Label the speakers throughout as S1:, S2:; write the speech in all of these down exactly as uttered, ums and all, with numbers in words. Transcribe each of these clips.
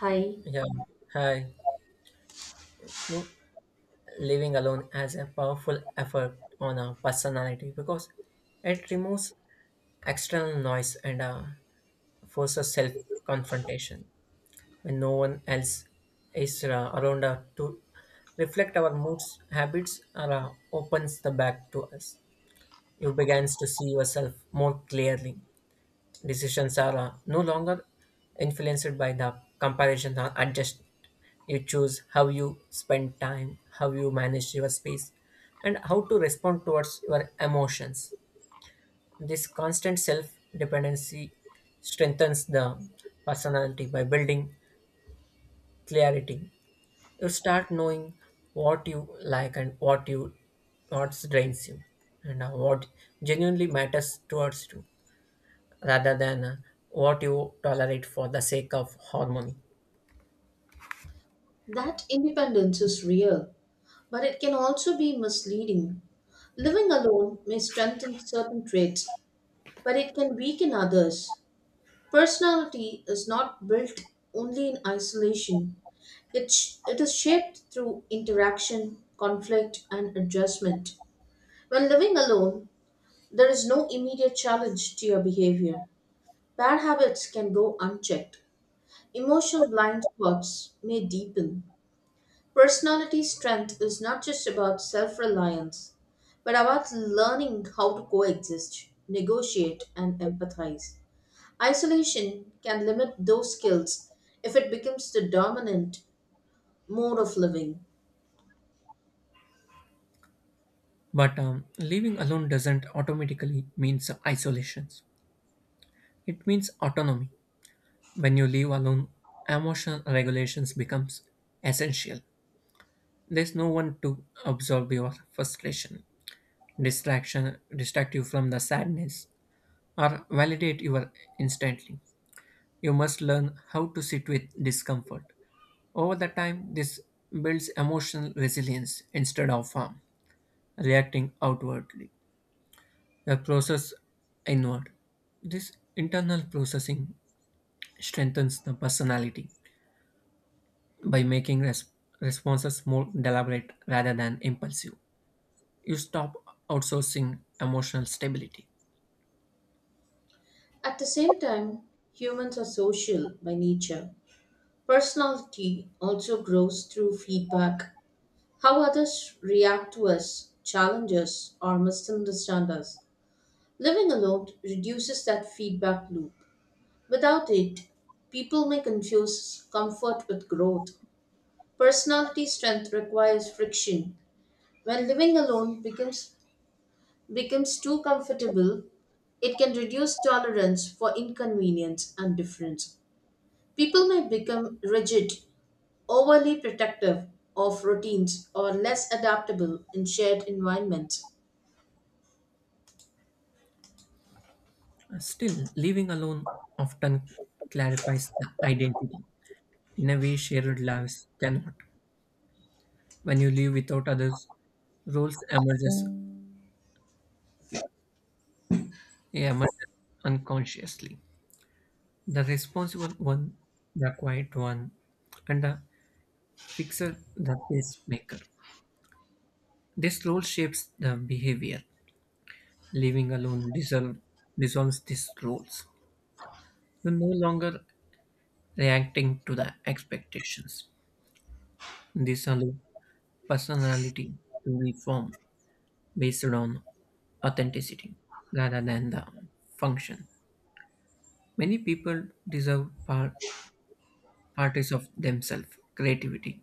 S1: Hi,
S2: Yeah, hi. Mm, Living alone has a powerful effect on our personality because it removes external noise and uh, forces self confrontation when no one else is uh, around uh, to reflect our moods, habits, or uh, opens the back to us. You begins to see yourself more clearly. Decisions are uh, no longer influenced by the comparison or adjust. You choose how you spend time, how you manage your space, and how to respond towards your emotions. This constant self dependency strengthens the personality by building clarity. You start knowing what you like and what you what drains you, and uh, what genuinely matters towards you, rather than uh, what you tolerate for the sake of harmony.
S1: that independence is real, but it can also be misleading. Living alone may strengthen certain traits, but it can weaken others. Personality is not built only in isolation. It, sh- it is shaped through interaction, conflict, and adjustment. When living alone, there is no immediate challenge to your behavior. Bad habits can go unchecked. Emotional blind spots may deepen. Personality strength is not just about self reliance, but about learning how to coexist, negotiate, and empathize. Isolation can limit those skills if it becomes the dominant mode of living.
S2: But um, living alone doesn't automatically means isolation. It means autonomy. When you live alone, emotional regulations becomes essential. There's no one to absorb your frustration, distraction, distract you from the sadness, or validate you instantly. You must learn how to sit with discomfort. Over the time, this builds emotional resilience instead of harm. Reacting outwardly, the process inward. This internal processing strengthens the personality by making res- responses more deliberate rather than impulsive. You stop outsourcing emotional stability.
S1: At the same time, humans are social by nature. Personality also grows through feedback. How others react to us, challenge us, or misunderstand us. Living alone reduces that feedback loop. Without it, people may confuse comfort with growth. Personality strength requires friction. When living alone becomes becomes too comfortable, it can reduce tolerance for inconvenience and difference. People may become rigid, overly protective of routines, or less adaptable in shared environments.
S2: Still, living alone often clarifies the identity in a way shared lives cannot. When you live without others, roles emerges emerges unconsciously. The responsible one, the quiet one, and the fixer, the pacemaker. This role shapes the behavior. Living alone dissolve, Dissolves these roles. You're no longer reacting to the expectations. This allows personality to be formed based on authenticity rather than the function. Many people deserve par- parties of themselves, creativity,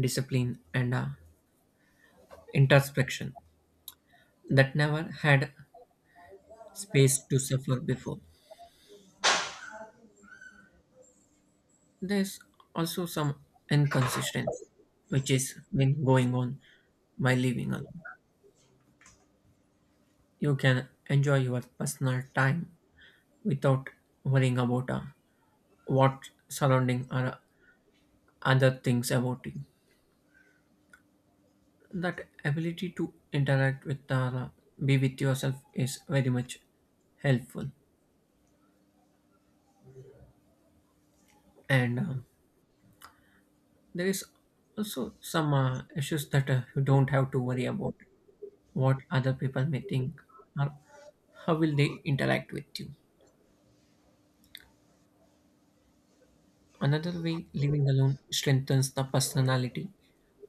S2: discipline, and uh, introspection that never had space to suffer before. There's also some inconsistency, which is been going on by living alone. You can enjoy your personal time without worrying about uh, what surrounding or other things about you. That ability to interact with or uh, be with yourself is very much helpful. And uh, there is also some uh, issues that uh, you don't have to worry about what other people may think, or how will they interact with you. Another way living alone strengthens the personality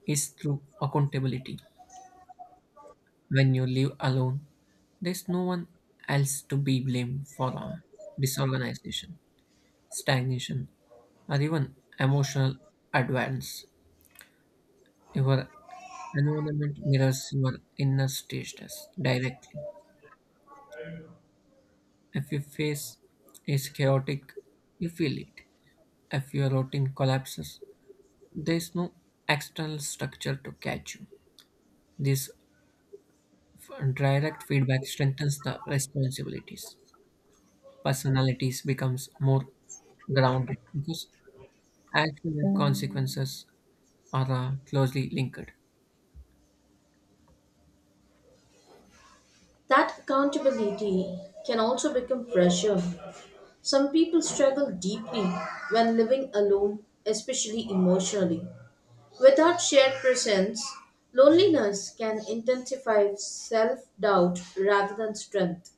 S2: is through accountability. When you live alone, there's no one else to be blamed for a disorganization, stagnation, or even emotional advance. Your environment mirrors your inner status directly. If you face is chaotic, you feel it. If your routine collapses, there is no external structure to catch you. This f- direct feedback strengthens the responsibilities. Personalities becomes more grounded because action and consequences are uh, closely linked.
S1: That accountability can also become pressure. Some people struggle deeply when living alone, especially emotionally. Without shared presence, loneliness can intensify self doubt rather than strength.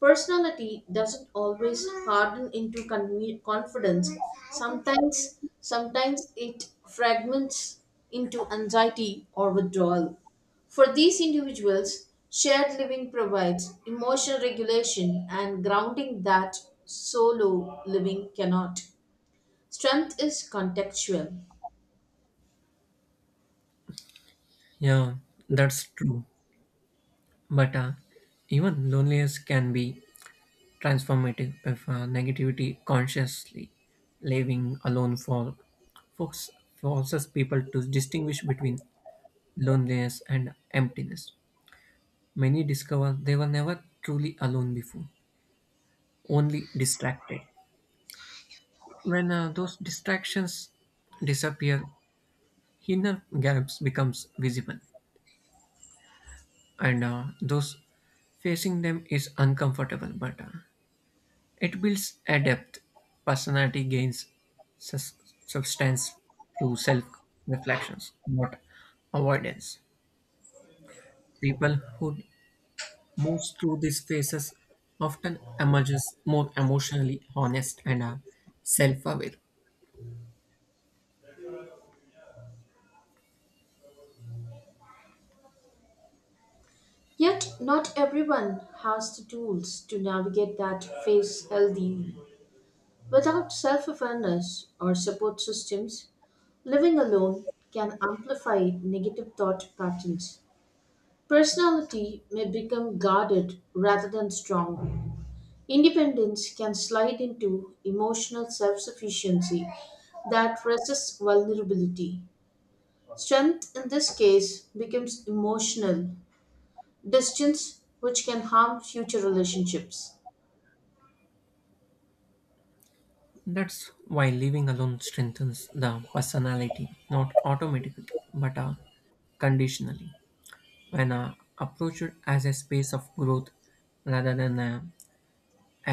S1: Personality doesn't always harden into con- confidence. Sometimes, sometimes it fragments into anxiety or withdrawal. For these individuals, shared living provides emotional regulation and grounding that solo living cannot. Strength is contextual.
S2: Yeah, that's true. But uh, even loneliness can be transformative if uh, negativity consciously living alone for folks Forces people to distinguish between loneliness and emptiness. Many discover they were never truly alone before, only distracted. When uh, those distractions disappear, inner gaps becomes visible, and uh, those facing them is uncomfortable, but uh, it builds a depth. Personality gains sus- substance through self reflections, not avoidance. People who moves through these phases often emerges more emotionally honest and uh, self-aware.
S1: Yet, not everyone has the tools to navigate that phase healthy. Without self awareness or support systems, living alone can amplify negative thought patterns. Personality may become guarded rather than strong. Independence can slide into emotional self sufficiency that resists vulnerability. Strength in this case becomes emotional distance, which can harm future relationships.
S2: That's why living alone strengthens the personality, not automatically, but uh, conditionally, when uh, approached as a space of growth rather than uh,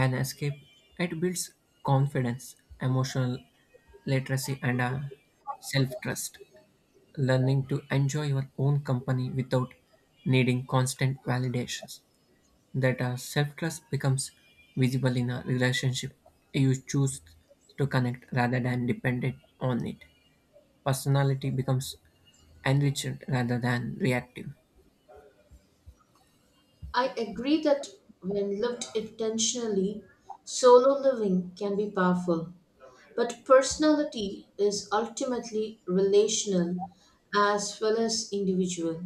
S2: an escape. It builds confidence, emotional literacy, and uh, self trust, learning to enjoy your own company without needing constant validations. That uh, self-trust becomes visible in a relationship. You choose to connect rather than dependent on it. Personality becomes enriched rather than reactive.
S1: I agree that when lived intentionally, solo living can be powerful. But personality is ultimately relational as well as individual.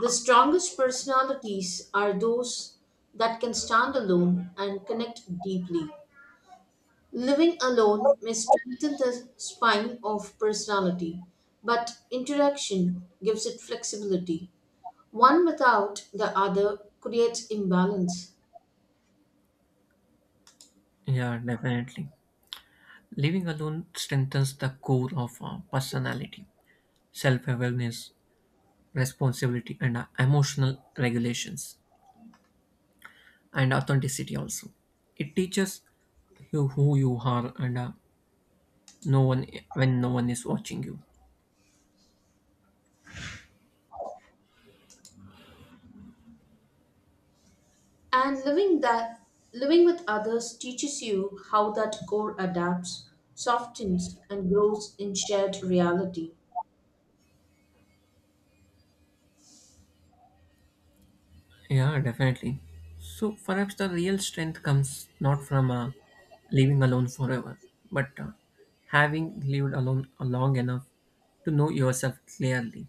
S1: The strongest personalities are those that can stand alone and connect deeply. Living alone may strengthen the spine of personality, but interaction gives it flexibility. One without the other creates imbalance.
S2: Yeah, definitely. Living alone strengthens the core of uh, personality, self-awareness, responsibility, and uh, emotional regulations, and authenticity also. It teaches you who you are, and uh, no one when no one is watching you.
S1: And living that living with others teaches you how that core adapts, softens and grows in shared reality.
S2: Yeah, definitely. So perhaps the real strength comes not from uh, living alone forever, but uh, having lived alone long enough to know yourself clearly.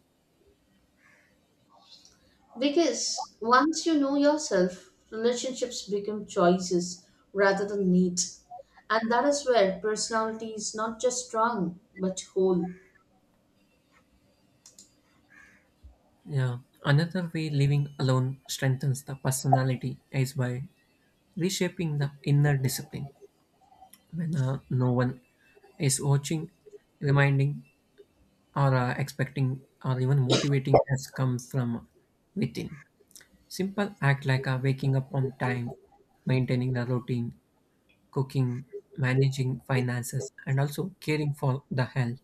S1: Because once you know yourself, relationships become choices rather than needs. And that is where personality is not just strong but whole.
S2: Yeah. Another way living alone strengthens the personality is by reshaping the inner discipline when uh, no one is watching, reminding, or uh, expecting, or even motivating has come from within. Simple act like uh, waking up on time, maintaining the routine, cooking, managing finances, and also caring for the health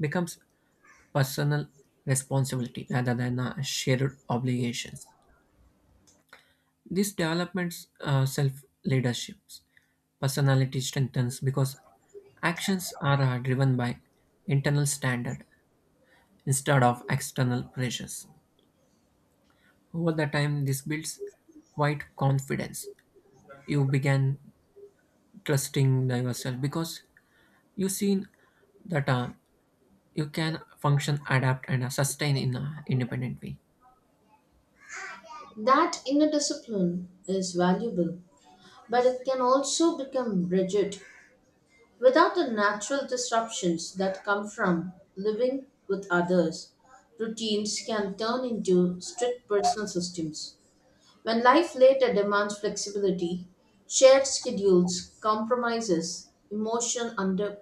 S2: becomes personal responsibility rather than uh, shared obligations. These developments uh, self leaderships. Personality strengthens because actions are uh, driven by internal standard instead of external pressures. Over the time, this builds quite confidence. You begin trusting yourself because you've seen that uh, you can function, adapt, and uh, sustain in an independent way.
S1: That inner discipline is valuable, but it can also become rigid. Without the natural disruptions that come from living with others, routines can turn into strict personal systems. When life later demands flexibility, shared schedules, compromises, emotion under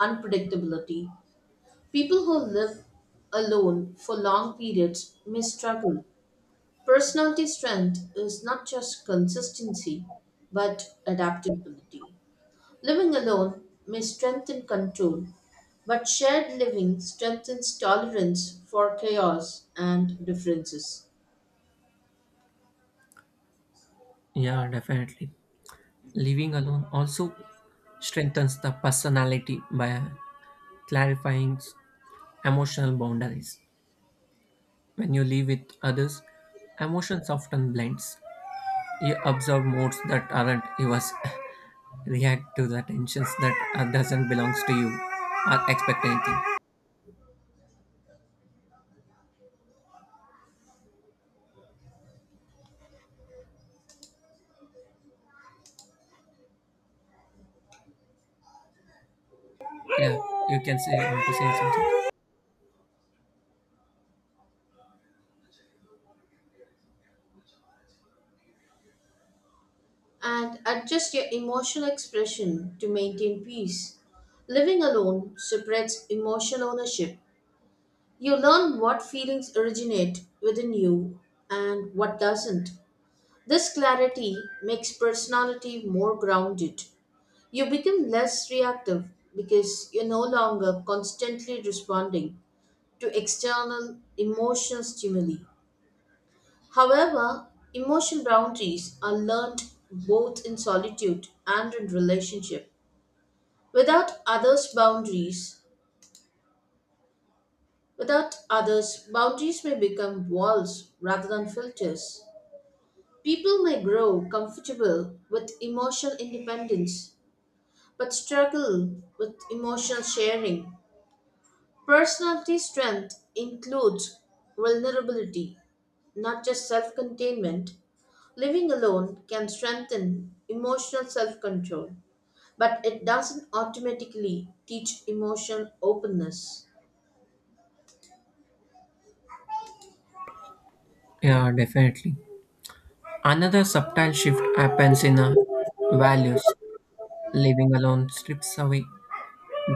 S1: unpredictability, people who live alone for long periods may struggle. Personality strength is not just consistency, but adaptability. Living alone may strengthen control, but shared living strengthens tolerance for chaos and differences.
S2: Yeah, definitely. Living alone also strengthens the personality by clarifying emotional boundaries. When you live with others, emotions often blends. You observe moods that aren't yours, react to the tensions that uh, doesn't belongs to you, or expect anything. Yeah, you can say want to say something.
S1: And adjust your emotional expression to maintain peace. Living alone suppresses emotional ownership. You learn what feelings originate within you and what doesn't. This clarity makes personality more grounded. You become less reactive because you're no longer constantly responding to external emotional stimuli. However, emotional boundaries are learned both in solitude and in relationship. Without others' boundaries, without others, boundaries may become walls rather than filters. People may grow comfortable with emotional independence but struggle with emotional sharing. Personality strength includes vulnerability, not just self containment. Living alone can strengthen emotional self control, but it doesn't automatically teach emotional openness.
S2: Yeah, definitely. Another subtle shift happens in our values. Living alone strips away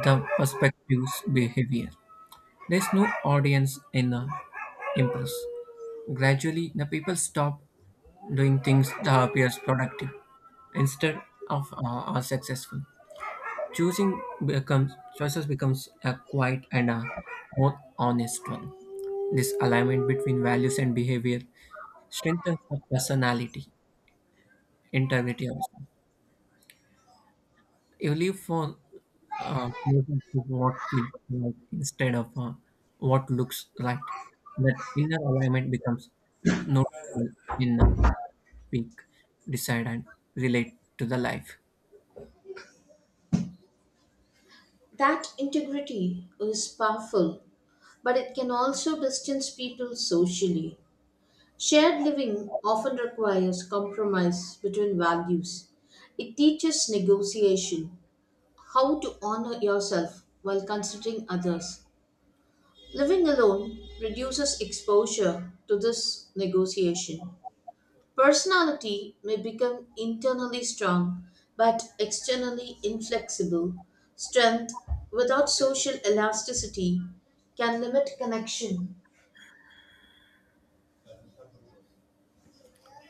S2: the perspective's behavior. There's no audience in the impulse. Gradually, the people stop doing things that appears productive instead of uh, are successful. Choosing becomes choices becomes a quiet and a more honest one. This alignment between values and behavior strengthens the personality, integrity also. You live for uh, what feels right instead of uh, what looks right. That inner alignment becomes noticeable in uh, speak, decide, and relate to the life.
S1: That integrity is powerful, but it can also distance people socially. Shared living often requires compromise between values. It teaches negotiation, how to honor yourself while considering others. Living alone reduces exposure to this negotiation. Personality may become internally strong but externally inflexible. Strength without social elasticity can limit connection.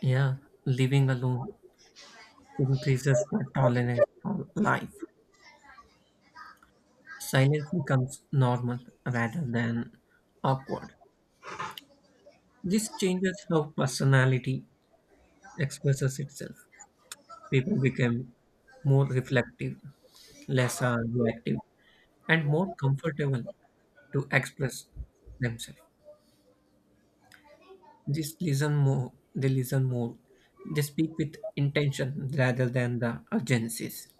S2: Yeah, living alone increases the tolerance for life. Silence becomes normal rather than awkward. This changes how personality expresses itself. People become more reflective, less uh, reactive, and more comfortable to express themselves. They listen more, they listen more, they speak with intention rather than the urgencies.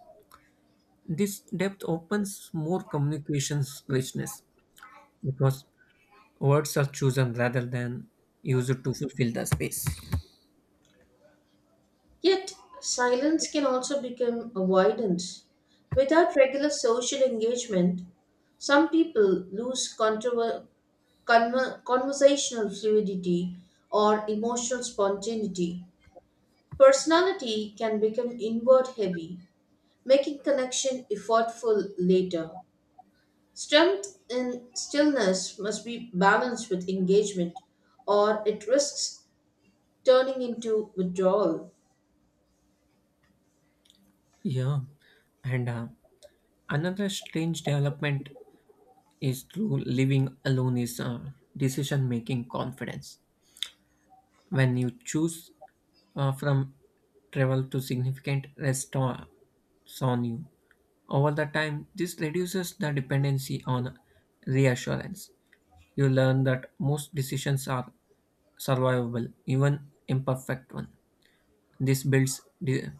S2: This depth opens more communications richness because words are chosen rather than used to fulfill the space.
S1: Yet, silence can also become avoidance. Without regular social engagement, some people lose controver- conver- conversational fluidity or emotional spontaneity. Personality can become inward heavy making connection effortful later. Strength in stillness must be balanced with engagement, or it risks turning into withdrawal.
S2: Yeah, and uh, another strange development is through living alone is uh, decision making confidence. When you choose uh, from travel to significant restaurants on you. Over the time, this reduces the dependency on reassurance. You learn that most decisions are survivable, even imperfect one. This builds de-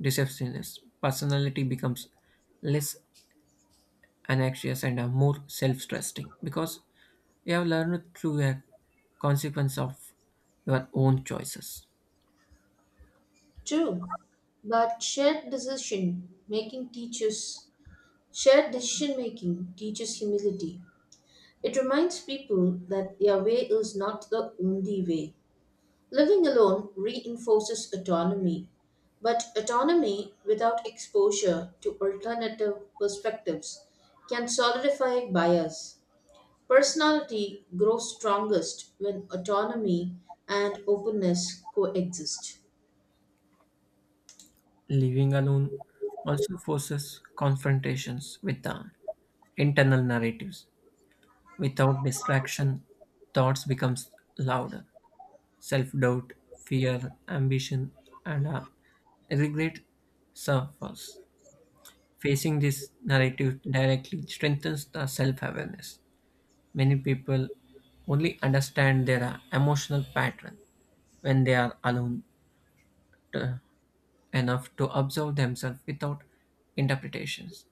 S2: decisiveness. Personality becomes less anxious and uh, more self-trusting because you have learned through a consequence of your own choices.
S1: True, but shared decision making teaches shared decision making teaches humility. It reminds people that their way is not the only way. Living alone reinforces autonomy, but autonomy without exposure to alternative perspectives can solidify bias. Personality grows strongest when autonomy and openness coexist.
S2: Living alone also forces confrontations with the internal narratives. Without distraction, thoughts becomes louder. Self-doubt, fear, ambition, and uh, regret surface. Facing this narrative directly strengthens the self-awareness. Many people only understand their uh, emotional pattern when they are alone to- enough to observe themselves without interpretations.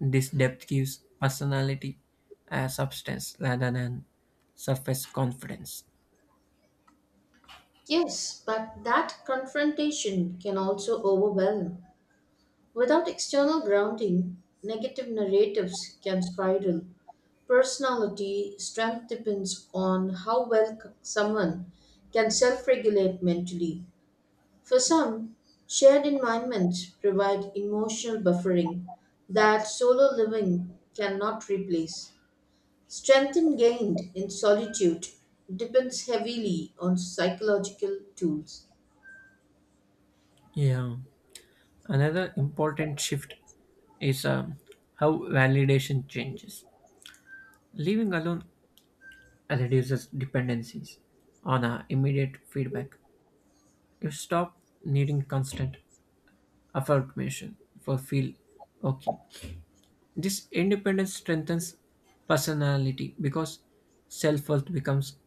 S2: This depth gives personality a substance rather than surface confidence.
S1: Yes, but that confrontation can also overwhelm. Without external grounding, negative narratives can spiral. Personality strength depends on how well c- someone can self regulate mentally. For some, shared environments provide emotional buffering that solo living cannot replace. Strength gained in solitude depends heavily on psychological tools.
S2: Yeah. Another important shift is um, how validation changes. Living alone reduces dependencies on uh, immediate feedback. You stop needing constant affirmation for feel okay. This independence strengthens personality because self-worth becomes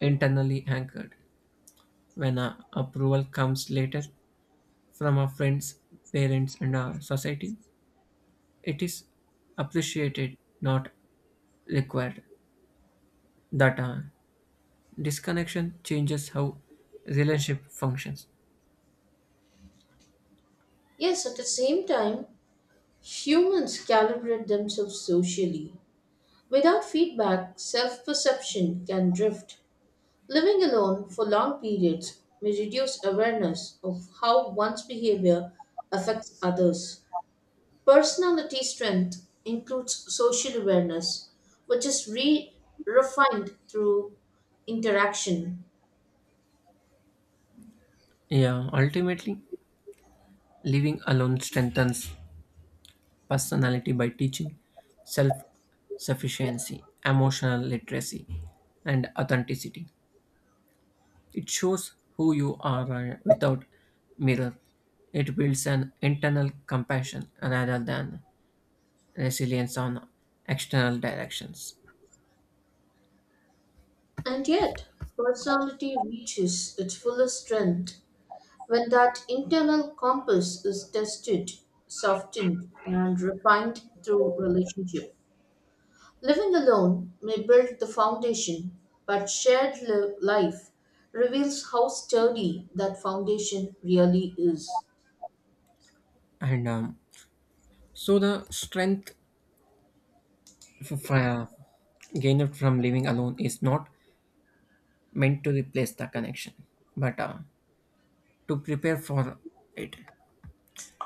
S2: internally anchored. When uh, approval comes later from our friends, parents, and our society, it is appreciated, not required. That uh, disconnection changes how relationship functions.
S1: Yes, at the same time, humans calibrate themselves socially. Without feedback, self perception can drift. Living alone for long periods may reduce awareness of how one's behavior affects others. Personality strength includes social awareness, which is re- refined through interaction.
S2: Yeah, ultimately, living alone strengthens personality by teaching self sufficiency, emotional literacy, and authenticity. It shows who you are uh, without mirror. It builds an internal compassion rather than resilience on external directions.
S1: And yet, personality reaches its fullest strength when that internal compass is tested, softened, and refined through relationship. Living alone may build the foundation, but shared li- life reveals how sturdy that foundation really is.
S2: And um, so the strength f- f- gained from living alone is not meant to replace the connection, but uh, to prepare for it.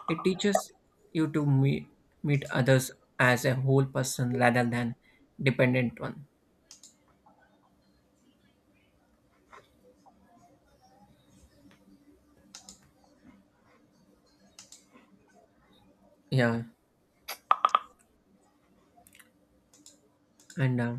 S2: It teaches you to me- meet others as a whole person rather than dependent one. Yeah, and uh,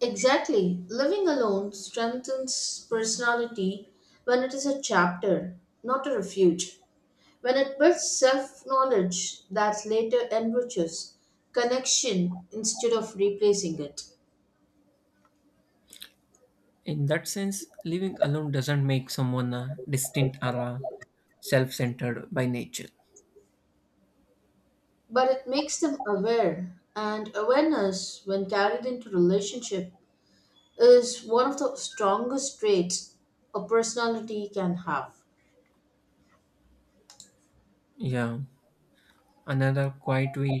S1: Exactly. Living alone strengthens personality when it is a chapter, not a refuge. When it builds self knowledge that later enriches connection instead of replacing it.
S2: In that sense, living alone doesn't make someone uh, distant, or uh, self centered by nature.
S1: But it makes them aware, and awareness, when carried into relationship, is one of the strongest traits a personality can have.
S2: Yeah, another quiet way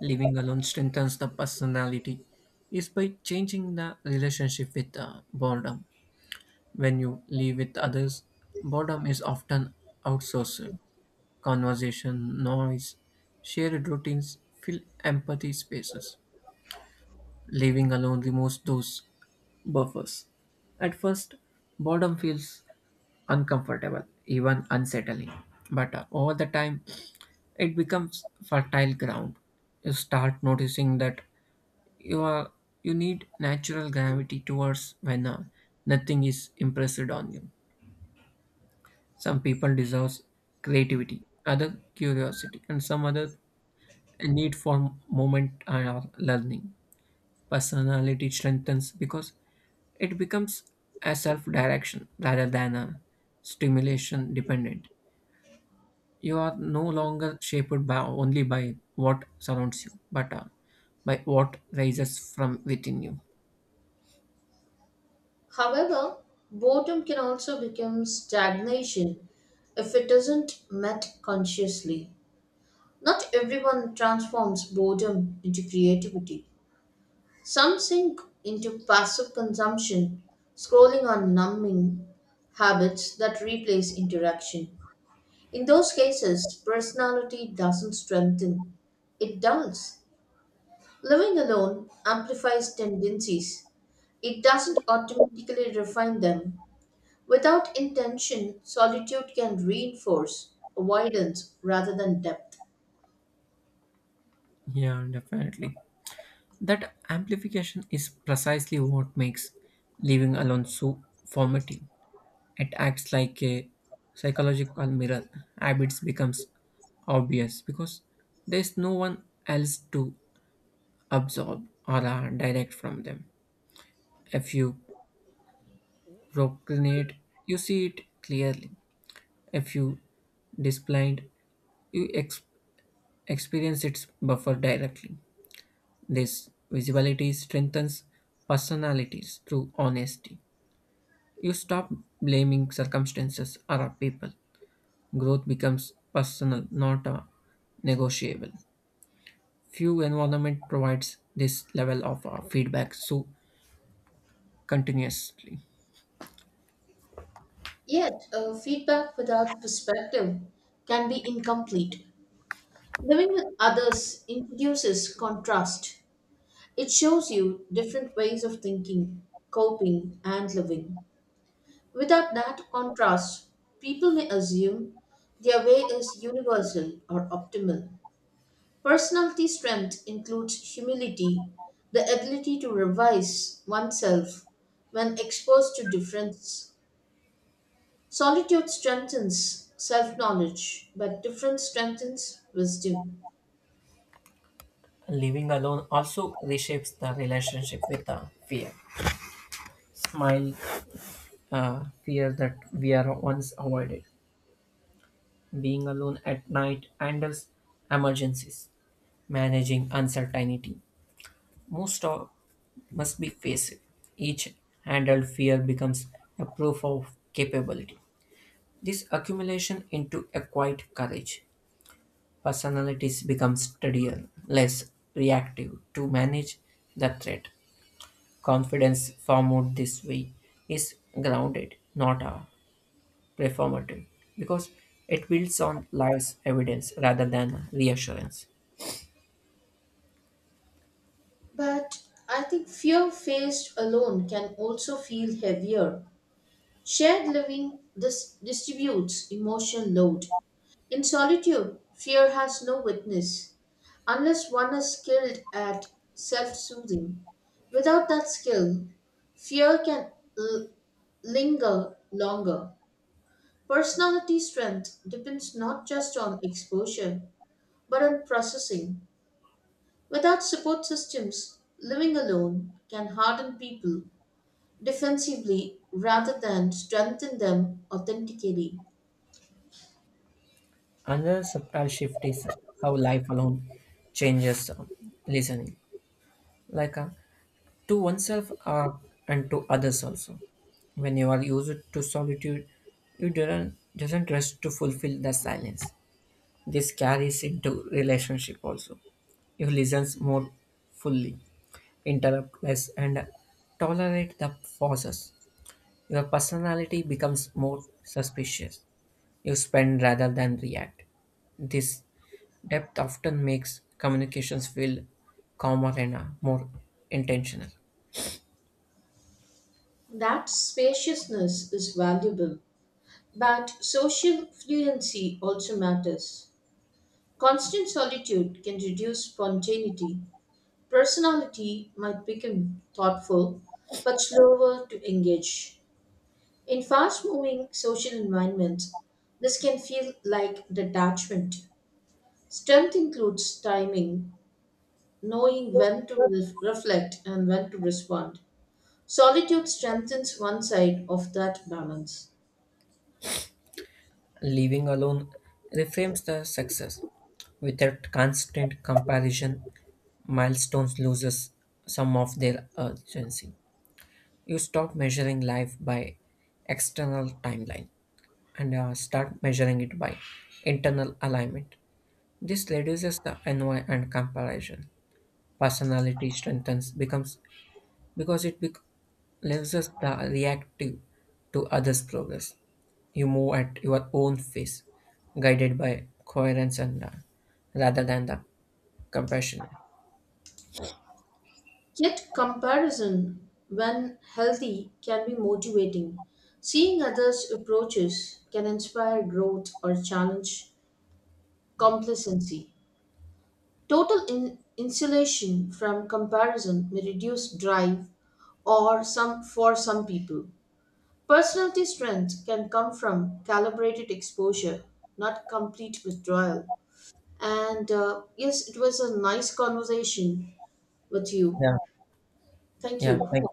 S2: living alone strengthens the personality is by changing the relationship with uh, boredom. When you live with others, boredom is often outsourced. Conversation, noise, shared routines fill empathy spaces. Living alone removes those buffers. At first, boredom feels uncomfortable, even unsettling. But uh, over the time, it becomes fertile ground. You start noticing that you are you need natural gravity towards when uh, nothing is impressed on you. Some people deserve creativity, other curiosity, and some other a need for movement and or learning. Personality strengthens because it becomes a self-direction rather than a stimulation dependent. You are no longer shaped by only by what surrounds you, but uh, by what rises from within you.
S1: However, boredom can also become stagnation if it isn't met consciously. Not everyone transforms boredom into creativity. Some sink into passive consumption, scrolling on numbing habits that replace interaction. In those cases, personality doesn't strengthen, it dulls. Living alone amplifies tendencies. It doesn't automatically refine them. Without intention, solitude can reinforce avoidance rather than depth.
S2: Yeah, definitely. That amplification is precisely what makes living alone so formative. It acts like a psychological mirror. Habits becomes obvious because there's no one else to absorb or uh, direct from them. If you procrastinate, you see it clearly. If you displayed, you ex- experience its buffer directly. This visibility strengthens personalities through honesty. You stop blaming circumstances or people. Growth becomes personal, not uh, negotiable. Few environment provides this level of uh, feedback so continuously.
S1: Yet, uh, feedback without perspective can be incomplete. Living with others introduces contrast. It shows you different ways of thinking, coping, and living. Without that contrast, people may assume their way is universal or optimal. Personality strength includes humility, the ability to revise oneself when exposed to difference. Solitude strengthens self knowledge, but difference strengthens wisdom.
S2: Living alone also reshapes the relationship with uh, fear. Smile, uh, fear that we are once avoided. Being alone at night handles emergencies, managing uncertainty. Most of must be faced. Each handled fear becomes a proof of capability. This accumulation into a quiet courage. Personalities become steadier, less reactive to manage the threat. Confidence formed this way is grounded, not a performative, because it builds on life's evidence rather than reassurance.
S1: But I think fear faced alone can also feel heavier. Shared living this distributes emotional load. In solitude, fear has no witness, unless one is skilled at self soothing. Without that skill, fear can l- linger longer. Personality strength depends not just on exposure, but on processing. Without support systems, living alone can harden people defensively rather than strengthen them authentically.
S2: Another subtle shift is how life alone changes um, listening, like uh, to oneself uh, and to others also. When you are used to solitude, you don't doesn't rush to fulfill the silence. This carries into relationship also. You listen more fully, interrupt less, and tolerate the pauses. Your personality becomes more suspicious you spend rather than react. This depth often makes communications feel calmer and uh, more intentional.
S1: That spaciousness is valuable, but social fluency also matters. Constant solitude can reduce spontaneity. Personality might become thoughtful but slower to engage. In fast moving social environments, this can feel like detachment. Strength includes timing, knowing when to re- reflect and when to respond. Solitude strengthens one side of that balance.
S2: Living alone reframes the success. Without constant comparison, milestones loses some of their urgency. You stop measuring life by external timeline and uh, start measuring it by internal alignment. This reduces the envy and comparison. Personality strengthens becomes because it bec- leaves us the reactive to others' progress. You move at your own pace, guided by coherence and uh, rather than the compassion.
S1: Yet, comparison, when healthy, can be motivating. Seeing others' approaches can inspire growth or challenge complacency. Total in- insulation from comparison may reduce drive or some for some people. Personality strength can come from calibrated exposure, not complete withdrawal. And uh, yes, it was a nice conversation with you.
S2: Yeah,
S1: Thank
S2: yeah.
S1: you.
S2: Thank